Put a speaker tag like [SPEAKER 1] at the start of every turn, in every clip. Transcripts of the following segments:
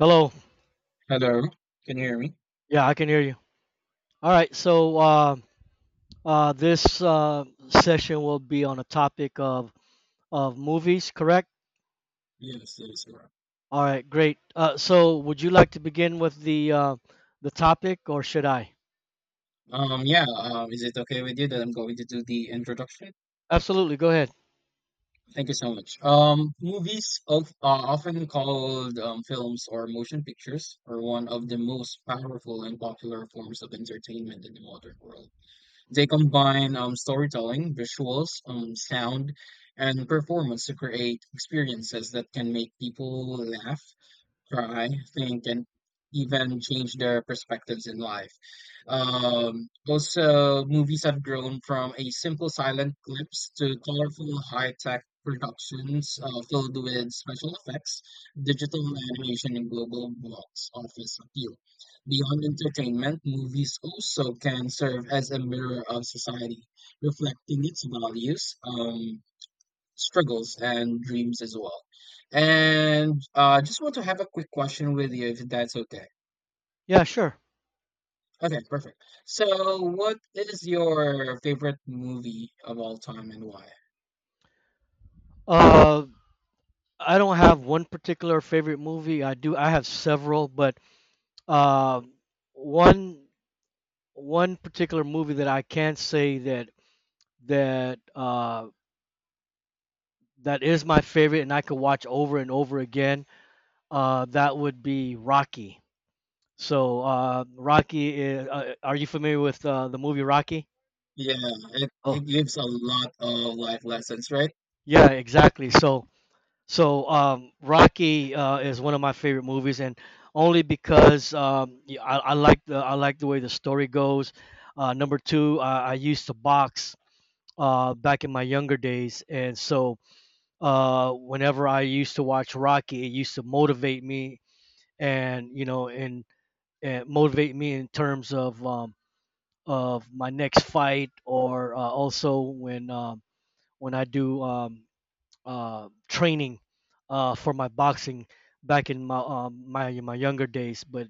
[SPEAKER 1] Hello.
[SPEAKER 2] Hello, can you hear me?
[SPEAKER 1] Yeah, I can hear you. All right. So this Session will be on a topic of movies, correct?
[SPEAKER 2] Yes, that is correct.
[SPEAKER 1] All right. Great. So would you like to begin with the topic, or should I?
[SPEAKER 2] Yeah, is it okay with you that I'm going to do the introduction?
[SPEAKER 1] Absolutely. Go ahead.
[SPEAKER 2] Thank you so much. Movies often called films or motion pictures are one of the most powerful and popular forms of entertainment in the modern world. They combine storytelling, visuals, sound, and performance to create experiences that can make people laugh, try, think, and even change their perspectives in life. Also, movies have grown from a simple silent clips to colorful high tech productions filled with special effects, digital animation, and global box office appeal. Beyond entertainment, movies also can serve as a mirror of society, reflecting its values. Struggles and dreams as well. And just want to have a quick question with you, if that's okay.
[SPEAKER 1] Yeah. Sure.
[SPEAKER 2] Okay, perfect. So, what is your favorite movie of all time and why?
[SPEAKER 1] Uh, I don't have one particular favorite movie. I do. I have several, but uh, one one particular movie that I can say that uh, that is my favorite, and I could watch over and over again. That would be Rocky. Rocky, are you familiar with the movie Rocky?
[SPEAKER 2] Yeah, it
[SPEAKER 1] Oh,
[SPEAKER 2] gives a lot of life lessons, right?
[SPEAKER 1] yeah, exactly. Rocky is one of my favorite movies, and only because I like the I like the way the story goes. Number two, I used to box back in my younger days, and so whenever I used to watch Rocky, it used to motivate me, and you know, and motivate me in terms of my next fight or also when I do training for my boxing back in my younger days. But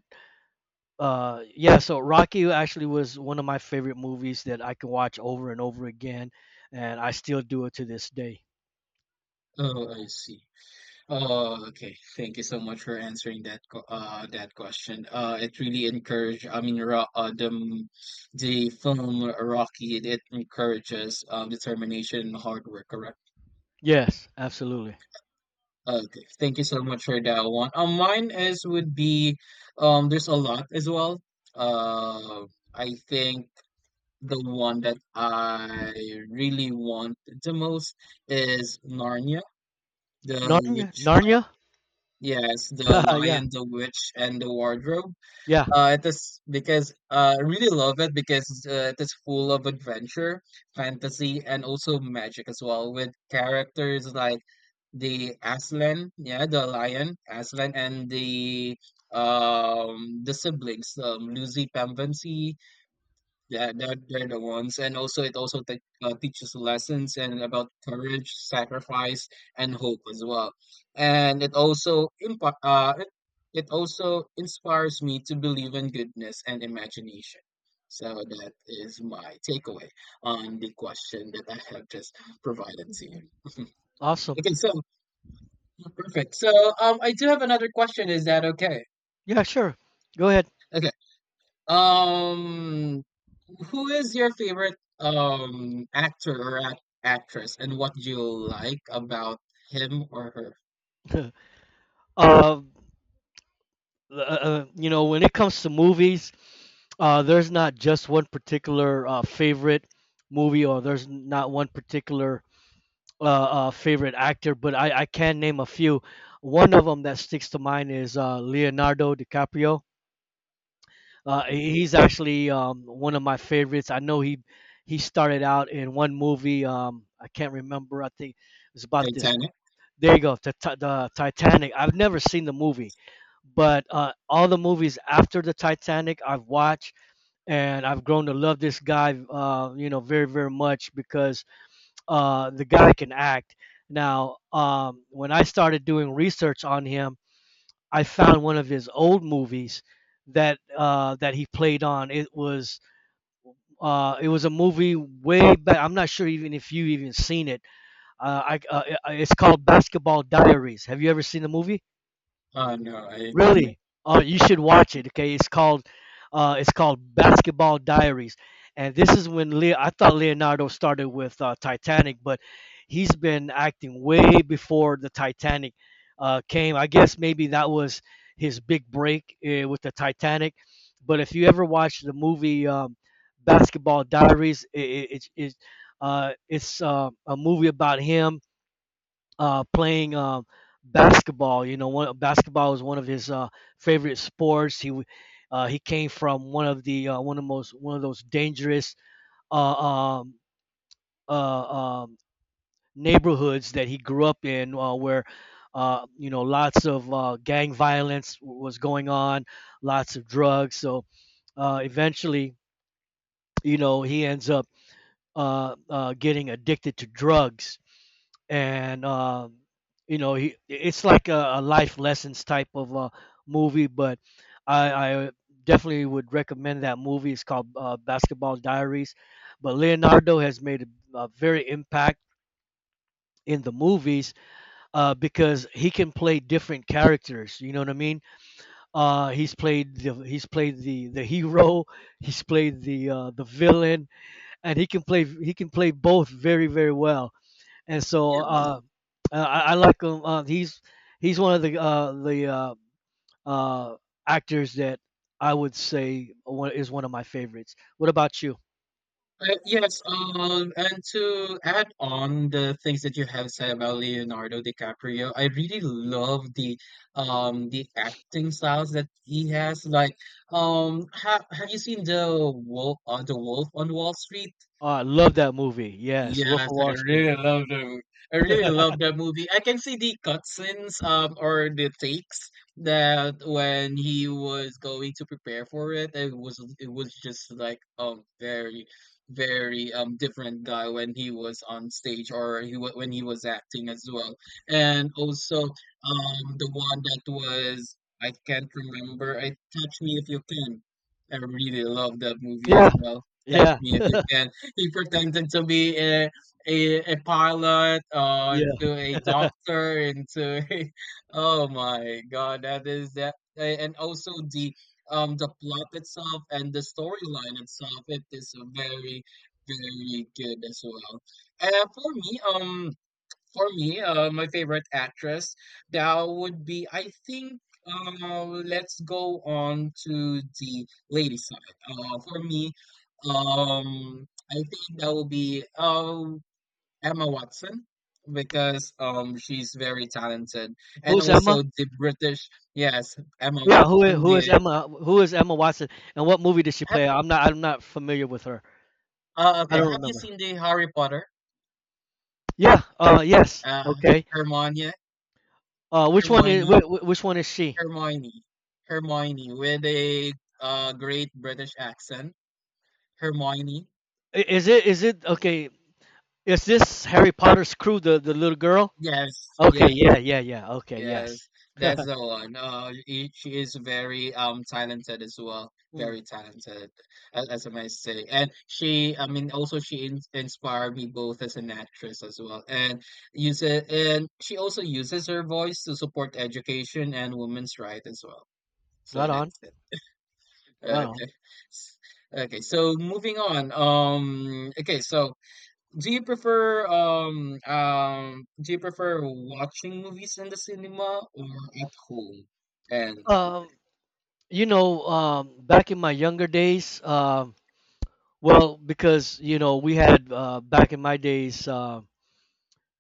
[SPEAKER 1] yeah, so Rocky actually was one of my favorite movies that I can watch over and over again, and I still do it to this day.
[SPEAKER 2] Oh, I see. Oh, okay. Thank you so much for answering that that question. It really encourage. I mean, the film Rocky. It encourages determination and hard work around.
[SPEAKER 1] Yes, absolutely.
[SPEAKER 2] Okay, thank you so much for that one. Mine is would be there's a lot as well. Uh, I think the one that I really want the most is Narnia, the
[SPEAKER 1] Narnia,
[SPEAKER 2] witch.
[SPEAKER 1] Narnia.
[SPEAKER 2] Yes, the
[SPEAKER 1] Yeah,
[SPEAKER 2] Lion, the Witch, and the Wardrobe.
[SPEAKER 1] yeah,
[SPEAKER 2] It is because I really love it because it is full of adventure, fantasy, and also magic as well, with characters like the Aslan, yeah, the lion Aslan, and the siblings, Lucy Pembensi yeah, they're the ones. And also, it also te teaches lessons and about courage, sacrifice, and hope as well. And it also it also inspires me to believe in goodness and imagination. So that is my takeaway on the question that I have just provided to you.
[SPEAKER 1] awesome.
[SPEAKER 2] Okay, so perfect. So I do have another question. Is that okay?
[SPEAKER 1] Yeah, sure. Go ahead.
[SPEAKER 2] Okay. Um, Who is your favorite actor or actress, and what do you like about him or her?
[SPEAKER 1] uh, uh, you know, when it comes to movies, there's not just one particular favorite movie, or there's not one particular favorite actor, but I can name a few. One of them that sticks to mind is Leonardo DiCaprio. He's actually one of my favorites. I know he started out in one movie. I can't remember. I think it was about this.
[SPEAKER 2] Titanic?
[SPEAKER 1] There you go. The Titanic. I've never seen the movie, but all the movies after the Titanic I've watched, and I've grown to love this guy, you know, very very much because the guy can act. Now, when I started doing research on him, I found one of his old movies that he played on. It was a movie way back. I'm not sure even if you even seen it. It's called Basketball Diaries. Have you ever seen the movie?
[SPEAKER 2] Oh no, I didn't.
[SPEAKER 1] Really, you should watch it. Okay, it's called Basketball Diaries, and this is when Leo. I thought Leonardo started with Titanic, but he's been acting way before the Titanic came. I guess maybe that was his big break with the Titanic. But if you ever watch the movie Basketball Diaries, it's a movie about him playing basketball. You know, one, basketball was one of his favorite sports. He came from one of the one of most one of those dangerous uh, um, uh, um, neighborhoods that he grew up in, where you know lots of gang violence was going on, lots of drugs. So eventually, you know, he ends up getting addicted to drugs and you know he, it's like a life lessons type of movie but I definitely would recommend that movie. It's called basketball diaries, but leonardo has made a very impact in the movies because he can play different characters, you know what I mean. He's played the he's played the hero, he's played the villain, and he can play both very very well, and so
[SPEAKER 2] Yes.
[SPEAKER 1] I like him. He's he's one of the uh, actors that I would say one, is one of my favorites. What about you?
[SPEAKER 2] Yes, and to add on the things that you have said about Leonardo DiCaprio, I really love the acting styles that he has. Like, ha have you seen the Wolf on Wall Street?
[SPEAKER 1] Oh, I love that movie. Yes, Wolf
[SPEAKER 2] Yes,
[SPEAKER 1] of
[SPEAKER 2] I
[SPEAKER 1] Wall Street.
[SPEAKER 2] really love the movie. I really love that movie. I can see the cutscenes or the takes that when he was going to prepare for it, it was just like very very different guy when he was on stage or when he was acting as well. And also the one that was I can't remember. I Catch Me If You Can. I really love that movie as
[SPEAKER 1] Yeah,
[SPEAKER 2] well. Catch
[SPEAKER 1] yeah,
[SPEAKER 2] Me If You Can he pretended to be a pilot,
[SPEAKER 1] yeah.
[SPEAKER 2] into a doctor, into a, oh my god, that is that, and also the plot itself and the storyline itself, it is very very good as well. And for me, my favorite actress that would be, I think, let's go on to the lady side. I think that will be Emma Watson because she's very talented, and
[SPEAKER 1] Who's Emma?
[SPEAKER 2] also the British, yes, Emma
[SPEAKER 1] Yeah,
[SPEAKER 2] Watson.
[SPEAKER 1] who is
[SPEAKER 2] The
[SPEAKER 1] Emma? Who is Emma Watson? And what movie did she
[SPEAKER 2] ha-
[SPEAKER 1] play? I'm not familiar with her. I
[SPEAKER 2] okay,
[SPEAKER 1] don't
[SPEAKER 2] have you
[SPEAKER 1] remember.
[SPEAKER 2] seen the Harry Potter?
[SPEAKER 1] Yeah. Yes.
[SPEAKER 2] Uh,
[SPEAKER 1] Okay.
[SPEAKER 2] Hermione,
[SPEAKER 1] Which one is
[SPEAKER 2] Hermione.
[SPEAKER 1] which one is she?
[SPEAKER 2] Hermione. Hermione with a great British accent. Hermione.
[SPEAKER 1] Is it okay? Is this Harry Potter's crew the little girl?
[SPEAKER 2] Yes, yeah,
[SPEAKER 1] Okay, yeah, yeah, yeah. Okay, yes.
[SPEAKER 2] yes. That's the one. She is very talented as well.
[SPEAKER 1] Mm,
[SPEAKER 2] Very talented, as I might say. And she, I mean, also she in inspired me both as an actress as well, and use it, and she also uses her voice to support education and women's rights as well. So
[SPEAKER 1] right on,
[SPEAKER 2] that's.
[SPEAKER 1] right on.
[SPEAKER 2] Okay. S Okay, so moving on, do you prefer watching movies in the cinema or at home? And
[SPEAKER 1] Um, you know, back in my younger days, well, because you know, we had back in my days,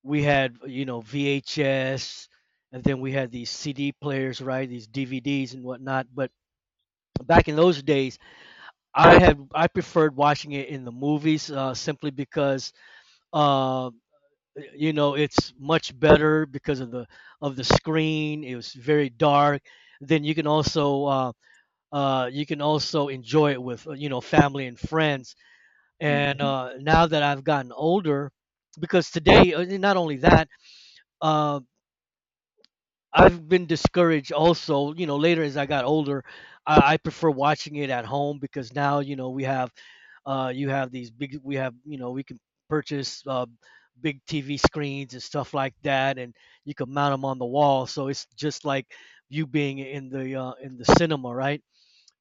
[SPEAKER 1] we had you know VHS, and then we had these CD players, right? These DVDs and whatnot. But back in those days, I preferred watching it in the movies, simply because um you know it's much better because of the screen. It was very dark, then you can also enjoy it with you know family and friends.
[SPEAKER 2] Mm,
[SPEAKER 1] And now that I've gotten older, because today not only that uh, I've been discouraged also, you know, later as I got older, I prefer watching it at home because now you know we have you have these big. We have you know we can purchase big TV screens and stuff like that, and you can mount them on the wall. So it's just like you being in the cinema, right?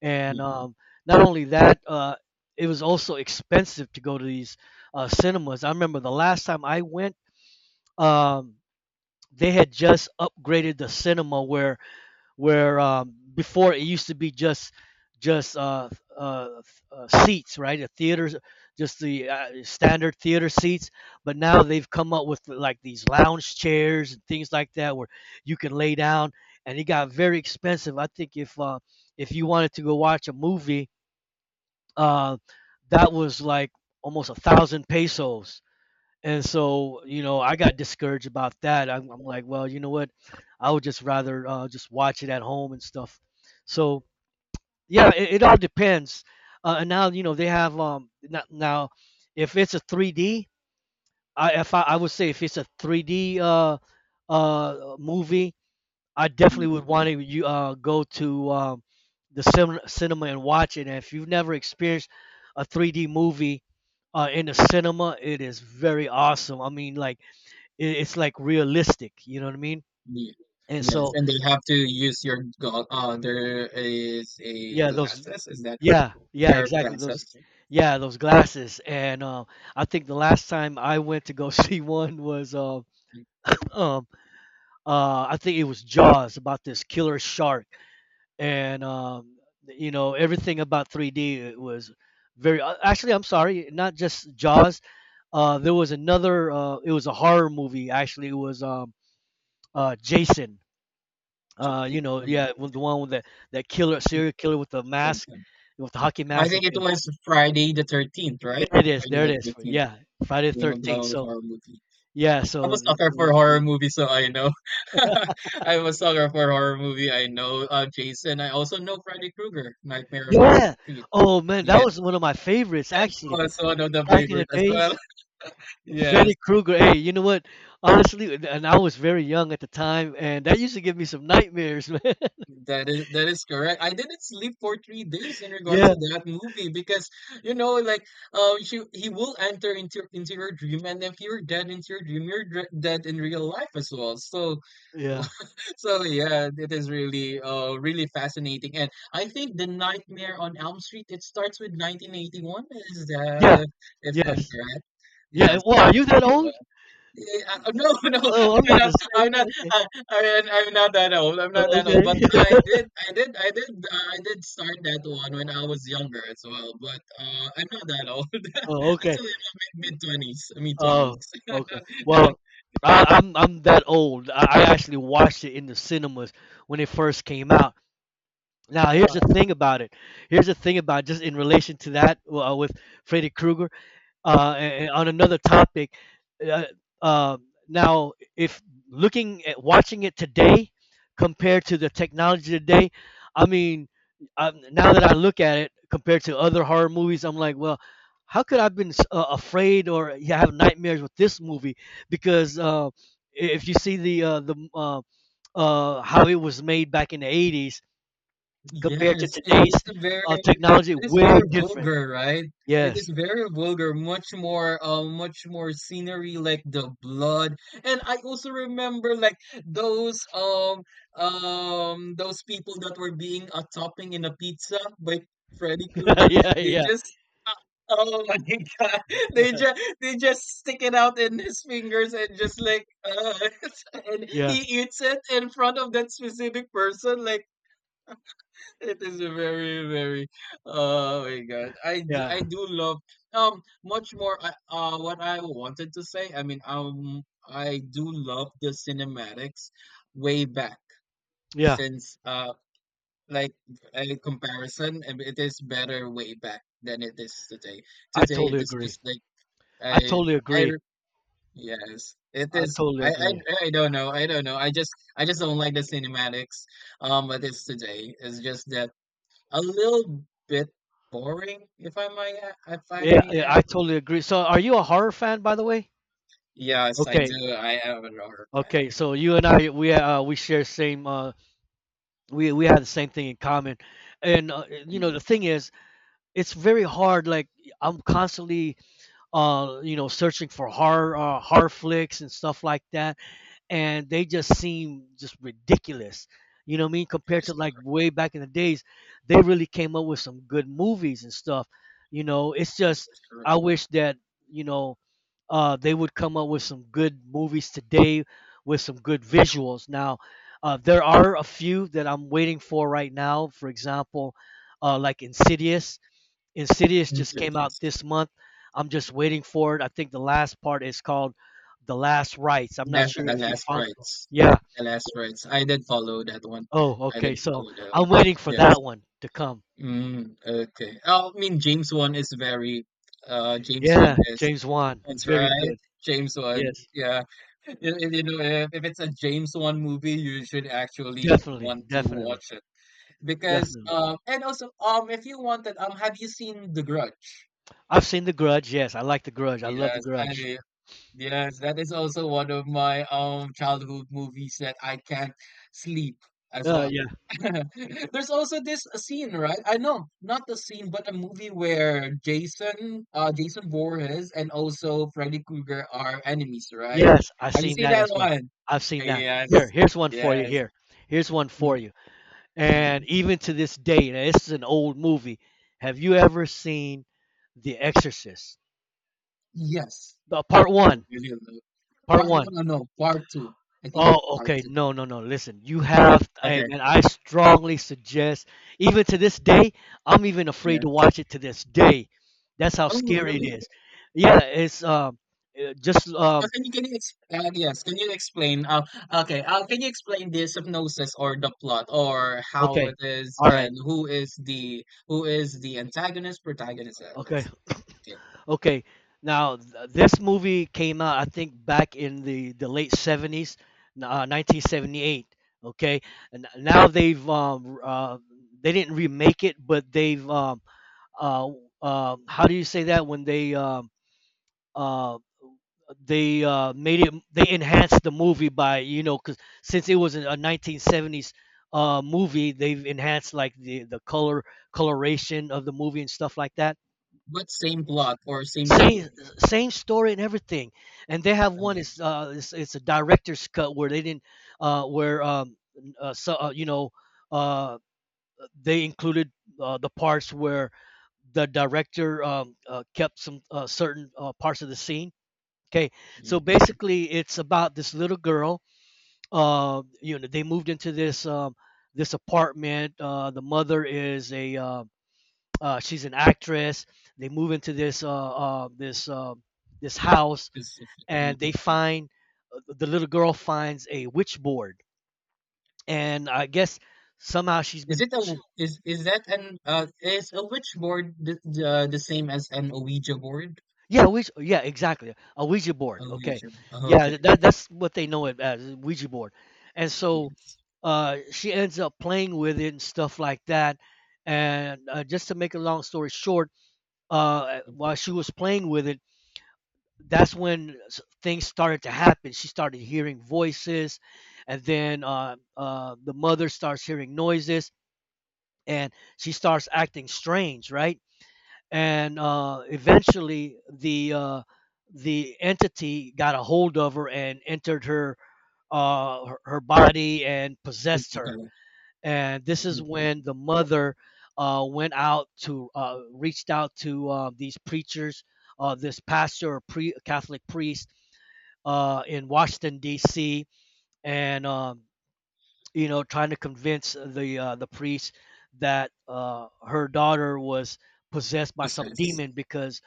[SPEAKER 1] And
[SPEAKER 2] mm,
[SPEAKER 1] not only that, it was also expensive to go to these cinemas. I remember the last time I went, um, they had just upgraded the cinema where before it used to be just just uh, seats, right? The theaters, just the standard theater seats. But now they've come up with like these lounge chairs and things like that where you can lay down. And it got very expensive. I think if you wanted to go watch a movie, uh, that was like almost a thousand pesos, and so, you know, I got discouraged about that. I'm like, well, you know what? I would just rather just watch it at home and stuff. So, yeah, it all depends. And now, you know, they have now, if it's a 3D, I would say if it's a 3D movie, I definitely
[SPEAKER 2] mm,
[SPEAKER 1] would want to you go to the cinema and watch it. And if you've never experienced a 3D movie in the cinema, it is very awesome. I mean, like it's like realistic, you know what I mean.
[SPEAKER 2] yeah.
[SPEAKER 1] And
[SPEAKER 2] Yes,
[SPEAKER 1] so
[SPEAKER 2] and they have to use your there is a
[SPEAKER 1] yeah, those
[SPEAKER 2] glasses, is that correct?
[SPEAKER 1] yeah yeah
[SPEAKER 2] Pair of
[SPEAKER 1] exactly those,
[SPEAKER 2] glasses.
[SPEAKER 1] yeah, those glasses. And I think the last time I went to go see one was
[SPEAKER 2] Mm,
[SPEAKER 1] um I think it was jaws about this killer shark. And you know everything about 3D, it was very actually I'm sorry, not just jaws. There was another it was a horror movie, actually it was jason. You
[SPEAKER 2] jeez.
[SPEAKER 1] know, yeah, with the one with that killer serial killer with the mask, with the hockey
[SPEAKER 2] I
[SPEAKER 1] mask.
[SPEAKER 2] think it
[SPEAKER 1] Okay,
[SPEAKER 2] was Friday the 13th, right?
[SPEAKER 1] there it is.
[SPEAKER 2] Friday
[SPEAKER 1] There it
[SPEAKER 2] the
[SPEAKER 1] is.
[SPEAKER 2] 13th.
[SPEAKER 1] Yeah, Friday the
[SPEAKER 2] Name of
[SPEAKER 1] 13th.
[SPEAKER 2] the
[SPEAKER 1] So
[SPEAKER 2] horror movie. Yeah.
[SPEAKER 1] yeah,
[SPEAKER 2] I'm a
[SPEAKER 1] so
[SPEAKER 2] sucker for horror movies, so I know. I'm a sucker for horror movie. I know Jason. I also know Freddy Krueger, Nightmare on Elm
[SPEAKER 1] yeah.
[SPEAKER 2] Street.
[SPEAKER 1] Oh man, that
[SPEAKER 2] Yeah,
[SPEAKER 1] was one of my favorites
[SPEAKER 2] that's
[SPEAKER 1] actually.
[SPEAKER 2] also one of the
[SPEAKER 1] Back in the
[SPEAKER 2] favorite as well.
[SPEAKER 1] days,
[SPEAKER 2] Yes,
[SPEAKER 1] Freddy Krueger. Hey, you know what? Honestly, and I was very young at the time, and that used to give me some nightmares, man.
[SPEAKER 2] that is correct. I didn't sleep for 3 days in regards
[SPEAKER 1] Yeah,
[SPEAKER 2] to that movie because you know, like, he will enter into your dream, and if you're dead into your dream, you're dead in real life as well. So.
[SPEAKER 1] yeah,
[SPEAKER 2] So yeah, it is really really fascinating. And I think the Nightmare on Elm Street, it starts with 1981, is that
[SPEAKER 1] yeah,
[SPEAKER 2] if I'm
[SPEAKER 1] yes,
[SPEAKER 2] correct?
[SPEAKER 1] yeah.
[SPEAKER 2] Yes,
[SPEAKER 1] Wow, are you that old?
[SPEAKER 2] 1981. Yeah, no, no,
[SPEAKER 1] Oh, I'm
[SPEAKER 2] I'm
[SPEAKER 1] about to
[SPEAKER 2] not.
[SPEAKER 1] say.
[SPEAKER 2] I'm not.
[SPEAKER 1] Okay,
[SPEAKER 2] I'm not that old. I'm not
[SPEAKER 1] oh,
[SPEAKER 2] that old. But
[SPEAKER 1] okay.
[SPEAKER 2] I did. I did. I did. I did start that one when I was younger as well. But I'm not that old. I'm
[SPEAKER 1] Oh, okay.
[SPEAKER 2] still in my mid twenties. Mid twenties.
[SPEAKER 1] Oh, okay. Well, I'm that old. I actually watched it in the cinemas when it first came out. Now, here's the
[SPEAKER 2] Wow.
[SPEAKER 1] thing about it. Here's the thing about just in relation to that with Freddy Krueger. And on another topic, uh, uh, now if looking at watching it today compared to the technology today, I mean, I, now that I look at it compared to other horror movies, I'm like, well, how could I've been afraid, or yeah, have nightmares with this movie? Because if you see the how it was made back in the 80s compared to
[SPEAKER 2] Yes, it
[SPEAKER 1] today's
[SPEAKER 2] is a very
[SPEAKER 1] technology,
[SPEAKER 2] It is
[SPEAKER 1] way
[SPEAKER 2] very
[SPEAKER 1] different.
[SPEAKER 2] vulgar, right? It
[SPEAKER 1] Yes.
[SPEAKER 2] is very vulgar, much more scenery like the blood. And I also remember like those um those people that were being a topping in a pizza by Freddy Krueger,
[SPEAKER 1] Yeah.
[SPEAKER 2] like they
[SPEAKER 1] Yeah.
[SPEAKER 2] just uh, Oh my God! They just stick it out in his fingers and just like and he
[SPEAKER 1] Yeah.
[SPEAKER 2] eats it in front of that specific person. Like it is a very, very, oh my God.
[SPEAKER 1] Yeah.
[SPEAKER 2] I do love, what I wanted to say. I mean, I do love the cinematics way back
[SPEAKER 1] Yeah,
[SPEAKER 2] since, like a comparison, and it is better way back than it is today.
[SPEAKER 1] I
[SPEAKER 2] Today, it
[SPEAKER 1] totally
[SPEAKER 2] is just
[SPEAKER 1] agree.
[SPEAKER 2] like,
[SPEAKER 1] I
[SPEAKER 2] I,
[SPEAKER 1] totally
[SPEAKER 2] I,
[SPEAKER 1] agree.
[SPEAKER 2] r- yes, it
[SPEAKER 1] I
[SPEAKER 2] is.
[SPEAKER 1] totally agree.
[SPEAKER 2] I don't know. I don't know. I just don't like the cinematics, but it's today. It's just that. A little bit boring, if I might add, if I
[SPEAKER 1] Yeah,
[SPEAKER 2] may
[SPEAKER 1] yeah,
[SPEAKER 2] add.
[SPEAKER 1] I totally agree. So, are you a horror fan, by the way?
[SPEAKER 2] Yes, I
[SPEAKER 1] Okay,
[SPEAKER 2] do. I have an order plan.
[SPEAKER 1] okay. So you and I, we share same. We have the same thing in common, and you know
[SPEAKER 2] Mm,
[SPEAKER 1] the thing is, it's very hard. Like I'm constantly, you know, searching for horror horror flicks and stuff like that, and they just seem just ridiculous. You know what I mean?
[SPEAKER 2] That
[SPEAKER 1] Compared to
[SPEAKER 2] is
[SPEAKER 1] like way back in the days, they really came up with some good movies and stuff. You know, it's
[SPEAKER 2] that
[SPEAKER 1] just
[SPEAKER 2] is correct.
[SPEAKER 1] I wish that you know they would come up with some good movies today with some good visuals. Now, there are a few that I'm waiting for right now. For example, like Insidious. Insidious just came out
[SPEAKER 2] Insidious.
[SPEAKER 1] this month. I'm just waiting for it. I think the last part is called The Last Rites. I'm not
[SPEAKER 2] That's
[SPEAKER 1] sure
[SPEAKER 2] the
[SPEAKER 1] if you
[SPEAKER 2] last
[SPEAKER 1] follow.
[SPEAKER 2] rites.
[SPEAKER 1] Yeah.
[SPEAKER 2] The last rites. I did follow that one.
[SPEAKER 1] Oh,
[SPEAKER 2] I
[SPEAKER 1] okay.
[SPEAKER 2] did
[SPEAKER 1] So
[SPEAKER 2] follow that
[SPEAKER 1] I'm
[SPEAKER 2] one.
[SPEAKER 1] waiting for
[SPEAKER 2] Yes.
[SPEAKER 1] that one to come.
[SPEAKER 2] Mm, okay. Oh, I mean James one is very James one
[SPEAKER 1] Yeah,
[SPEAKER 2] is
[SPEAKER 1] James Wan.
[SPEAKER 2] that's
[SPEAKER 1] Very
[SPEAKER 2] right.
[SPEAKER 1] good.
[SPEAKER 2] James one.
[SPEAKER 1] Yes,
[SPEAKER 2] Yeah. You know, if it's a James one movie, you should actually
[SPEAKER 1] definitely,
[SPEAKER 2] want to
[SPEAKER 1] definitely,
[SPEAKER 2] watch it. Because
[SPEAKER 1] definitely.
[SPEAKER 2] and also if you wanted have you seen The Grudge?
[SPEAKER 1] I've seen The Grudge. Yes, I like The Grudge. I love The
[SPEAKER 2] Yes,
[SPEAKER 1] Grudge.
[SPEAKER 2] I yes, that is also one of my childhood movies that I can't sleep as well.
[SPEAKER 1] Yeah.
[SPEAKER 2] There's also this scene, right? I know, not the scene, but a movie where Jason Voorhees and also Freddy Krueger are enemies, right?
[SPEAKER 1] Yes, I've
[SPEAKER 2] Have you
[SPEAKER 1] seen
[SPEAKER 2] seen
[SPEAKER 1] that
[SPEAKER 2] that
[SPEAKER 1] as well.
[SPEAKER 2] one?
[SPEAKER 1] I've seen that.
[SPEAKER 2] Yes, yes,
[SPEAKER 1] Here's one for
[SPEAKER 2] mm,
[SPEAKER 1] you.
[SPEAKER 2] mm,
[SPEAKER 1] And
[SPEAKER 2] mm.
[SPEAKER 1] even to this day, now this is an old movie. Have you ever seen The Exorcist?
[SPEAKER 2] Yes.
[SPEAKER 1] The part
[SPEAKER 2] I
[SPEAKER 1] one.
[SPEAKER 2] really love.
[SPEAKER 1] Part
[SPEAKER 2] Part
[SPEAKER 1] one.
[SPEAKER 2] 1 or no, part 2. I think it's
[SPEAKER 1] Oh,
[SPEAKER 2] part
[SPEAKER 1] okay.
[SPEAKER 2] 2.
[SPEAKER 1] No, no, no. Listen, you have. I
[SPEAKER 2] Okay,
[SPEAKER 1] mean, I strongly suggest. Even to this day, I'm even afraid to
[SPEAKER 2] yes.
[SPEAKER 1] watch it to this day. That's how
[SPEAKER 2] Oh,
[SPEAKER 1] scary it
[SPEAKER 2] really?
[SPEAKER 1] is. Yeah, it's just um.
[SPEAKER 2] Can you yes, can you explain okay, can you explain the hypnosis or the plot or how
[SPEAKER 1] Okay.
[SPEAKER 2] it is
[SPEAKER 1] All right.
[SPEAKER 2] and who is the antagonist, protagonist?
[SPEAKER 1] Okay.
[SPEAKER 2] It's okay.
[SPEAKER 1] Okay, now this movie came out, I think, back in the late '70s, 1978. Okay, and now they didn't remake it, but they've uh, how do you say that when uh, they made it, they enhanced the movie by, you know, 'cause since it was a 1970s movie. They've enhanced like the color coloration of the movie and stuff like that.
[SPEAKER 2] But same plot or same story.
[SPEAKER 1] Same, same story and everything, and they have one.
[SPEAKER 2] Okay.
[SPEAKER 1] It's it's a director's cut where they didn't where so you know uh they included, the parts where the director kept some, certain, parts of the scene. Okay, so
[SPEAKER 2] Hmm.
[SPEAKER 1] basically it's about this little girl. You know, they moved into this this apartment. The mother is a she's an actress. They move into this this this house,
[SPEAKER 2] Specific.
[SPEAKER 1] and they
[SPEAKER 2] Mhm.
[SPEAKER 1] find, the little girl finds a witch board, and I guess somehow she's
[SPEAKER 2] Is
[SPEAKER 1] been
[SPEAKER 2] it a
[SPEAKER 1] pushing.
[SPEAKER 2] is that an is a witch board the same as an Ouija board?
[SPEAKER 1] Yeah, Ouija, yeah, exactly, a Ouija
[SPEAKER 2] A
[SPEAKER 1] board. Okay,
[SPEAKER 2] Ouija. Oh, okay.
[SPEAKER 1] yeah, that that's what they know it as Ouija board. And so
[SPEAKER 2] Yes.
[SPEAKER 1] she ends up playing with it and stuff like that. And just to make a long story short,
[SPEAKER 2] Mhm.
[SPEAKER 1] while she was playing with it, that's when things started to happen. She started hearing voices, and then the mother starts hearing noises, and she starts acting strange, right? And eventually, the entity got a hold of her and entered her, her body, and possessed her.
[SPEAKER 2] Physical
[SPEAKER 1] And this is when the mother went out to reached out to these preachers, this pastor or Catholic priest in Washington D.C. And you know, trying to convince the priest that her daughter was possessed by some
[SPEAKER 2] process,
[SPEAKER 1] demon, because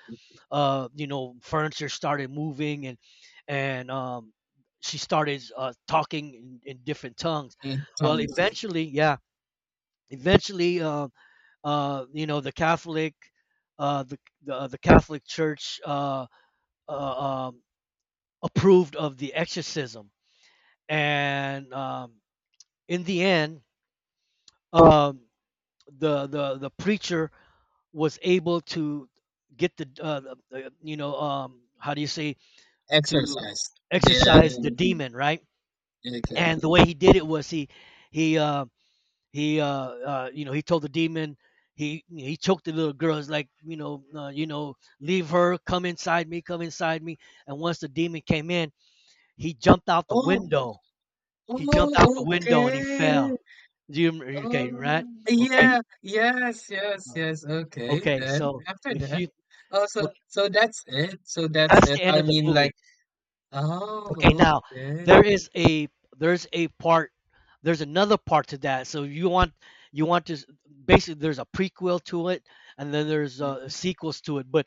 [SPEAKER 1] you know, furniture started moving, and and um, she started talking in different tongues. Well,
[SPEAKER 2] intense
[SPEAKER 1] eventually, yeah, eventually, you know, the Catholic. The Catholic Church uh, um, approved of the exorcism. And in the end, um, the the preacher was able to get the, the, you know, how do you say, to
[SPEAKER 2] exercise. There,
[SPEAKER 1] exercise the
[SPEAKER 2] the-
[SPEAKER 1] demon, right?
[SPEAKER 2] okay.
[SPEAKER 1] And the way he did it was, he uh he you know, he told the demon, he choked the little girl. It's like, you know, you know, leave her, come inside me, come inside me. And once the demon came in, he jumped out the
[SPEAKER 2] Oh,
[SPEAKER 1] window. He jumped out the
[SPEAKER 2] oh,
[SPEAKER 1] window and he
[SPEAKER 2] okay.
[SPEAKER 1] fell. Do you okay,
[SPEAKER 2] Oh,
[SPEAKER 1] right, okay,
[SPEAKER 2] yeah, yes, yes, yes. Okay,
[SPEAKER 1] okay,
[SPEAKER 2] then
[SPEAKER 1] so
[SPEAKER 2] after
[SPEAKER 1] if
[SPEAKER 2] that.
[SPEAKER 1] you.
[SPEAKER 2] Oh, so that's it. So that's
[SPEAKER 1] That's
[SPEAKER 2] it.
[SPEAKER 1] the end
[SPEAKER 2] I
[SPEAKER 1] of the
[SPEAKER 2] mean,
[SPEAKER 1] movie.
[SPEAKER 2] like,
[SPEAKER 1] Okay,
[SPEAKER 2] oh,
[SPEAKER 1] now
[SPEAKER 2] okay.
[SPEAKER 1] there is a, there's a part, there's another part to that. So you want, you want to s- basically there's a prequel to it, and then there's
[SPEAKER 2] Mhm,
[SPEAKER 1] sequels to it. But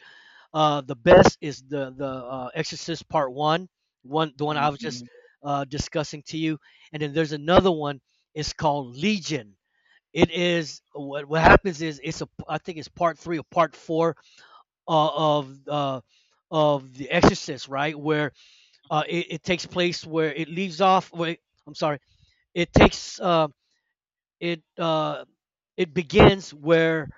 [SPEAKER 1] the best is the Exorcist Part One, the one I was just
[SPEAKER 2] mhm.
[SPEAKER 1] discussing to you. And then there's another one. It's called Legion. It is, what happens is, it's a, I think it's part three or part four uh, of uh, of the Exorcist, right? Where it, it takes place where it leaves off. Where it- I'm sorry, it takes it uh, it begins where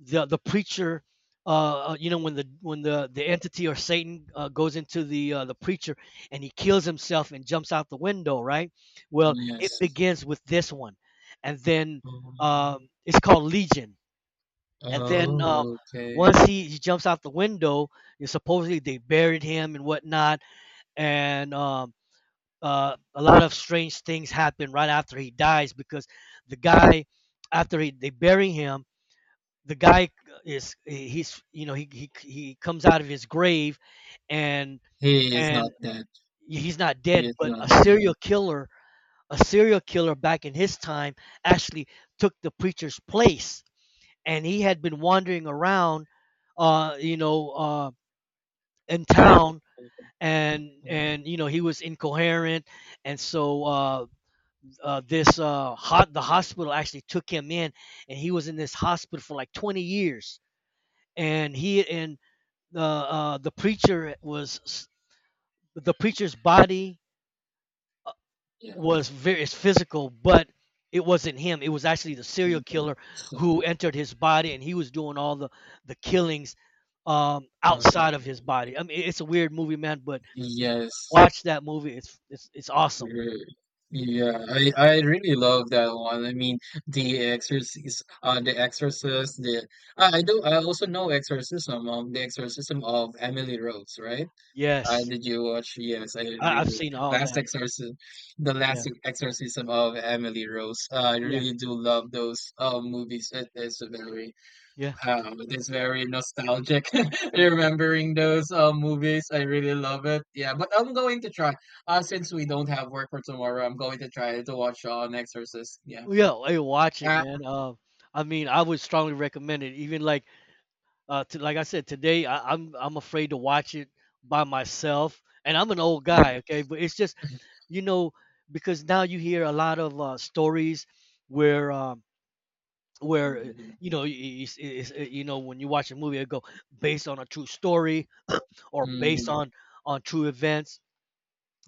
[SPEAKER 1] the preacher, you know, when the entity or Satan goes into the preacher, and he kills himself and jumps out the window, right? Well, it Yes.
[SPEAKER 2] Yes.
[SPEAKER 1] begins with this one, and then
[SPEAKER 2] Oh,
[SPEAKER 1] it's called Legion. And then
[SPEAKER 2] oh,
[SPEAKER 1] once
[SPEAKER 2] okay.
[SPEAKER 1] he jumps out the window, you know, supposedly they buried him and whatnot. And a lot of strange things happen right after he dies, because the guy, after he, they bury him, the guy is, he's, you know, he, he comes out of his grave. and
[SPEAKER 2] He is
[SPEAKER 1] and
[SPEAKER 2] not dead.
[SPEAKER 1] he's not
[SPEAKER 2] He
[SPEAKER 1] dead,
[SPEAKER 2] is
[SPEAKER 1] but a
[SPEAKER 2] not dead.
[SPEAKER 1] serial killer, a serial killer back in his time, actually took the preacher's place. And he had been wandering around, uh you know uh in
[SPEAKER 2] Oh,
[SPEAKER 1] town.
[SPEAKER 2] oh,
[SPEAKER 1] and
[SPEAKER 2] oh.
[SPEAKER 1] and you know, he was incoherent. And so this, hot the hospital actually took him in, and he was in this hospital for like 20 years. And he and the preacher was, the preacher's body
[SPEAKER 2] Yeah.
[SPEAKER 1] was, very, it's physical, but it wasn't him. It was actually the serial
[SPEAKER 2] Mhm.
[SPEAKER 1] killer
[SPEAKER 2] So,
[SPEAKER 1] who entered his body, and he was doing all the killings
[SPEAKER 2] um,
[SPEAKER 1] outside of his body. I mean, it's a weird movie, man. But
[SPEAKER 2] yes.
[SPEAKER 1] watch that movie; it's it's awesome.
[SPEAKER 2] you're- Yeah, I really love that one. I mean, the exorcist, the exorcist, the I do I also know exorcism, the exorcism of Emily Rose, right?
[SPEAKER 1] Yes,
[SPEAKER 2] Did you watch? Yes, I
[SPEAKER 1] I've
[SPEAKER 2] really
[SPEAKER 1] seen all
[SPEAKER 2] last
[SPEAKER 1] that.
[SPEAKER 2] exorcism, the
[SPEAKER 1] Yeah,
[SPEAKER 2] last exorcism of Emily Rose. I
[SPEAKER 1] yeah,
[SPEAKER 2] really do love those movies. It is very.
[SPEAKER 1] yeah.
[SPEAKER 2] It is very nostalgic remembering those movies. I really love it. Yeah, but I'm going to try. Since we don't have work for tomorrow, I'm going to try to watch an Exorcist. Yeah.
[SPEAKER 1] Yeah, hey, watch it,
[SPEAKER 2] Ah.
[SPEAKER 1] man. I mean, I would strongly recommend it. Even like, like I said today, I'm I'm afraid to watch it by myself, and I'm an old guy, okay. But it's just, you know, because now you hear a lot of stories where where uh,
[SPEAKER 2] Mm-hmm.
[SPEAKER 1] you know, you know, when you watch a movie, it go, based on a true story or based
[SPEAKER 2] Mm-hmm.
[SPEAKER 1] on true events.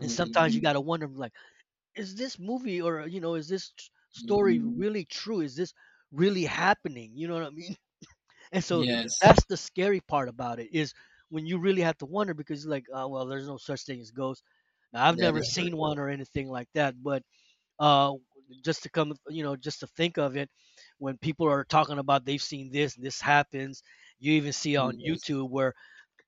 [SPEAKER 1] And
[SPEAKER 2] Mm-hmm.
[SPEAKER 1] sometimes you gotta wonder like, is this movie, or, you know, is this story
[SPEAKER 2] Mm-hmm.
[SPEAKER 1] Mhm. really true, is this really happening, you know what I mean? And so
[SPEAKER 2] Yes,
[SPEAKER 1] that's the scary part about it is, when you really have to wonder, because like, oh well, there's no such thing as ghosts. Now I've
[SPEAKER 2] that
[SPEAKER 1] never
[SPEAKER 2] is
[SPEAKER 1] Yeah.
[SPEAKER 2] correct.
[SPEAKER 1] seen one or anything like that, but uh just to come, you know, just to think of it, when people are talking about they've seen this, this happens. You even see on Yeah.
[SPEAKER 2] Mm-hmm.
[SPEAKER 1] YouTube where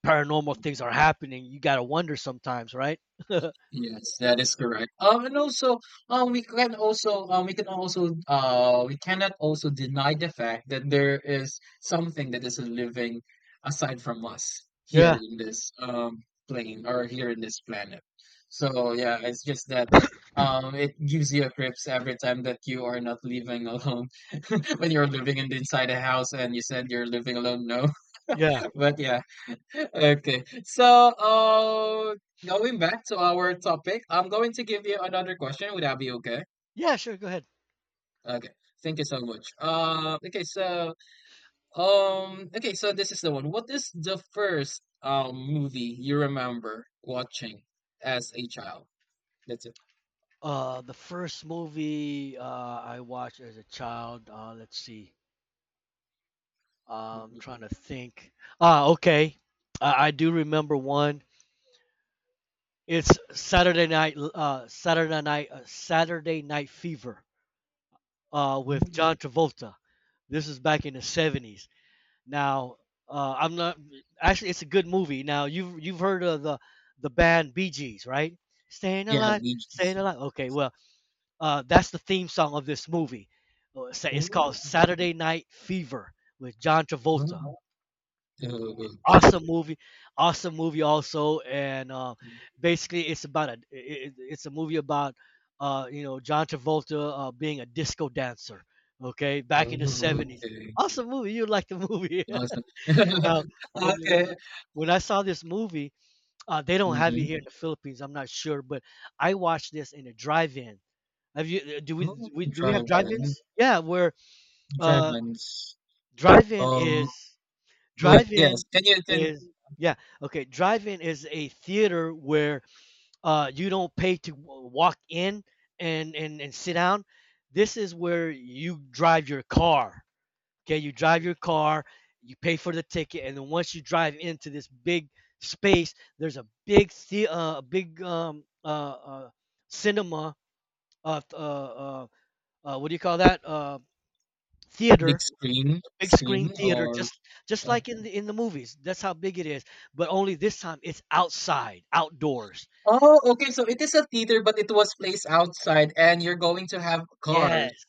[SPEAKER 1] paranormal things are happening. You gotta wonder sometimes, right?
[SPEAKER 2] Yes, that is correct. And also, we can also, we can also, we cannot also deny the fact that there is something that is living aside from us here
[SPEAKER 1] Yeah,
[SPEAKER 2] in this plane or here in this planet. So yeah, it's just that, it gives you a crips every time that you are not living alone when you're living in inside a house and you said you're living alone. No,
[SPEAKER 1] yeah,
[SPEAKER 2] but yeah. Okay. So, going back to our topic, I'm going to give you another question. Would that be okay?
[SPEAKER 1] yeah, sure, go ahead.
[SPEAKER 2] Okay. Thank you so much. Okay. So, okay. So this is the one. What is the first movie you remember watching as a child? That's it.
[SPEAKER 1] The first movie, I watched as a child. Let's see. I'm
[SPEAKER 2] Mhm.
[SPEAKER 1] trying to think. Ah, okay. I do remember one. It's Saturday Night Fever. With
[SPEAKER 2] Mm.
[SPEAKER 1] John Travolta. This is back in the '70s. Now, I'm not. Actually, it's a good movie. Now, you've heard of the band Bee Gees, right? Staying
[SPEAKER 2] Yeah,
[SPEAKER 1] alive,
[SPEAKER 2] Bee
[SPEAKER 1] staying
[SPEAKER 2] Gees.
[SPEAKER 1] alive. Okay, well, that's the theme song of this movie. It's
[SPEAKER 2] Ooh,
[SPEAKER 1] called Saturday Night Fever with John Travolta.
[SPEAKER 2] oh, okay.
[SPEAKER 1] Awesome movie, awesome movie also. And basically it's about it's a movie about, you know, John Travolta, being a disco dancer. Okay, back in the
[SPEAKER 2] Oh,
[SPEAKER 1] seventies.
[SPEAKER 2] okay.
[SPEAKER 1] Awesome movie. You like the movie?
[SPEAKER 2] Awesome.
[SPEAKER 1] Now, when
[SPEAKER 2] Okay.
[SPEAKER 1] when when I saw this movie, they don't have it
[SPEAKER 2] Mm-hmm.
[SPEAKER 1] here in the Philippines. I'm not sure, but I watched this in a drive-in, have you? Do we?
[SPEAKER 2] Oh,
[SPEAKER 1] Do we have
[SPEAKER 2] drive-in.
[SPEAKER 1] drive-ins? Yeah, where uh,
[SPEAKER 2] Dragons.
[SPEAKER 1] drive-in is
[SPEAKER 2] Um. Well, yes.
[SPEAKER 1] drive-in
[SPEAKER 2] Can you attend
[SPEAKER 1] is yeah, okay. Drive-in is a theater where you don't pay to walk in and and sit down. This is where you drive your car. Okay, you drive your car. You pay for the ticket, and then once you drive into this big space, there's a big a big cinema. Uh, uh, uh, what do you call that?
[SPEAKER 2] big
[SPEAKER 1] Theater,
[SPEAKER 2] screen,
[SPEAKER 1] big screen
[SPEAKER 2] screen
[SPEAKER 1] theater,
[SPEAKER 2] or?
[SPEAKER 1] just
[SPEAKER 2] Uh,
[SPEAKER 1] like in the movies. That's how big it is, but only this time it's outside, outdoors.
[SPEAKER 2] oh, okay. So it is a theater, but it was placed outside, and you're going to have cars
[SPEAKER 1] Yes,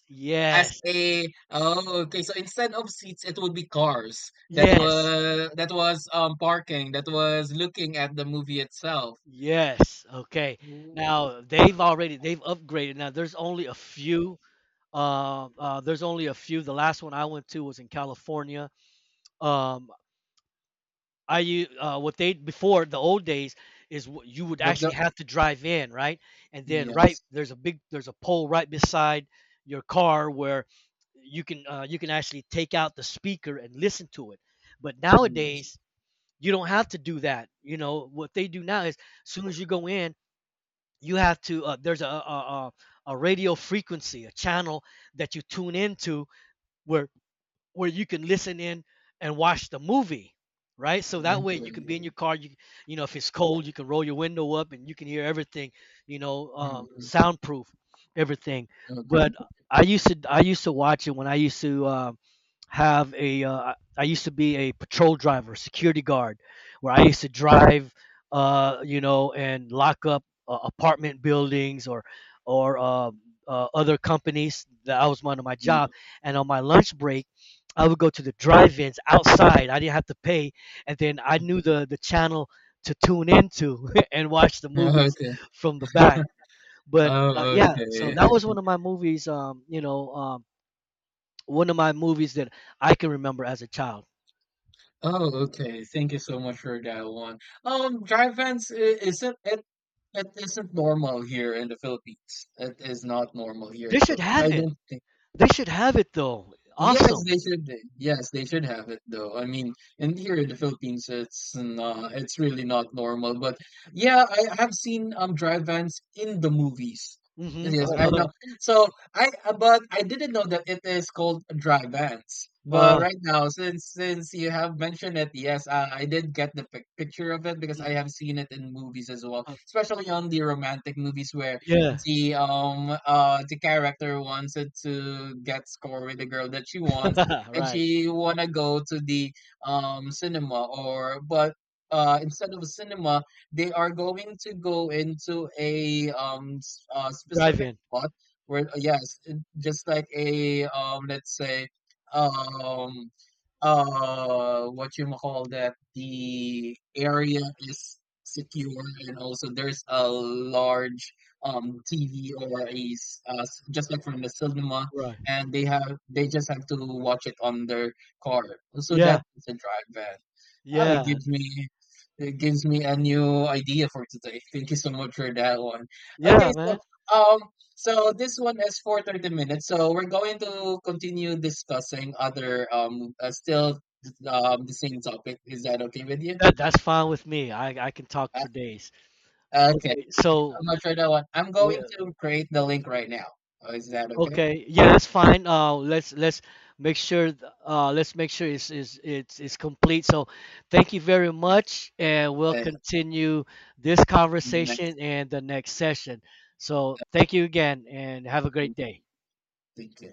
[SPEAKER 2] as
[SPEAKER 1] yes,
[SPEAKER 2] a. Oh, okay. So instead of seats, it would be cars that
[SPEAKER 1] yes,
[SPEAKER 2] was that was parking that was looking at the movie itself.
[SPEAKER 1] yes. Okay.
[SPEAKER 2] Ooh,
[SPEAKER 1] Now
[SPEAKER 2] wow.
[SPEAKER 1] they've already, they've upgraded. Now there's only a few. There's only a few. The last one I went to was in California. Um, I you what they, before the old days, is what you would
[SPEAKER 2] But
[SPEAKER 1] actually
[SPEAKER 2] the
[SPEAKER 1] have to drive in, right? And then right,
[SPEAKER 2] yes,
[SPEAKER 1] there's a big, there's a pole right beside your car where you can, you can actually take out the speaker and listen to it. But
[SPEAKER 2] yes.
[SPEAKER 1] nowadays you don't have to do that. You know what they do now is, as soon as you go in, you have to, there's a a a radio frequency, a channel that you tune into where you can listen in and watch the movie, right? So that
[SPEAKER 2] Okay.
[SPEAKER 1] way you can be in your car. You know, if it's cold, you can roll your window up and you can hear everything. You know,
[SPEAKER 2] Mhm.
[SPEAKER 1] soundproof everything.
[SPEAKER 2] Okay.
[SPEAKER 1] But I used to watch it when I used to. Have a I used to be a patrol driver, security guard, where I used to drive, you know, and lock up apartment buildings, or or uh, other companies. That I was, one of my
[SPEAKER 2] Yeah.
[SPEAKER 1] job. And on my lunch break, I would go to the drive-ins outside. I didn't have to pay, and then I knew the channel to tune into and watch the
[SPEAKER 2] Mm.
[SPEAKER 1] movies
[SPEAKER 2] Okay.
[SPEAKER 1] from the back. But
[SPEAKER 2] Oh,
[SPEAKER 1] yeah, so
[SPEAKER 2] okay.
[SPEAKER 1] that was one of my movies. One of my movies that I can remember as a child.
[SPEAKER 2] Oh, okay. Thank you so much for that one. Dry vents. Isn't it, it isn't normal here in the Philippines. It is not normal here in
[SPEAKER 1] They
[SPEAKER 2] the
[SPEAKER 1] should
[SPEAKER 2] Philippines. I
[SPEAKER 1] have it.
[SPEAKER 2] don't think.
[SPEAKER 1] They should have it though.
[SPEAKER 2] Yes,
[SPEAKER 1] Awesome.
[SPEAKER 2] they should. Yes, they should have it though. I mean, in here in the Philippines, it's really not normal. But yeah, I have seen drive vans in the movies.
[SPEAKER 1] Mm-hmm.
[SPEAKER 2] Yes, I know. So I, but I didn't know that it is called drive vans.
[SPEAKER 1] Uh,
[SPEAKER 2] But
[SPEAKER 1] uh,
[SPEAKER 2] right now, since you have mentioned it, yes, I did get the picture of it because I
[SPEAKER 1] mm,
[SPEAKER 2] have seen it in movies as well,
[SPEAKER 1] uh,
[SPEAKER 2] especially on the romantic movies where
[SPEAKER 1] yeah.
[SPEAKER 2] the character wanted to get score with the girl that she wants and
[SPEAKER 1] right.
[SPEAKER 2] she wanna go to the cinema or but instead of a cinema they are going to go into a
[SPEAKER 1] Drive
[SPEAKER 2] specific
[SPEAKER 1] in.
[SPEAKER 2] spot where yes just like a let's say um what you call that the area is secure and also there's a large TV or a just like from the cinema,
[SPEAKER 1] Right.
[SPEAKER 2] and they just have to watch it on their car. So
[SPEAKER 1] Yeah.
[SPEAKER 2] that is a drive van. Ah,
[SPEAKER 1] Yeah.
[SPEAKER 2] it gives me a new idea for today. Thank you so much for that one. Okay,
[SPEAKER 1] Yeah,
[SPEAKER 2] so
[SPEAKER 1] man.
[SPEAKER 2] um this one is for 30 minutes. So we're going to continue discussing other still the same topic. Is that okay with you?
[SPEAKER 1] That's fine with me. I can talk for days.
[SPEAKER 2] Okay.
[SPEAKER 1] Okay.
[SPEAKER 2] Thank you so
[SPEAKER 1] So,
[SPEAKER 2] much for that one. I'm going to create the link right now. Oh, is that okay?
[SPEAKER 1] okay, yeah, that's fine. Let's make sure, let's make sure it's it's complete. So, thank you very
[SPEAKER 2] Yes.
[SPEAKER 1] much, and we'll
[SPEAKER 2] Uh,
[SPEAKER 1] continue this
[SPEAKER 2] in the next.
[SPEAKER 1] conversation in the next session. So, thank you again, and have a great
[SPEAKER 2] Thank you.
[SPEAKER 1] day.
[SPEAKER 2] Thank you.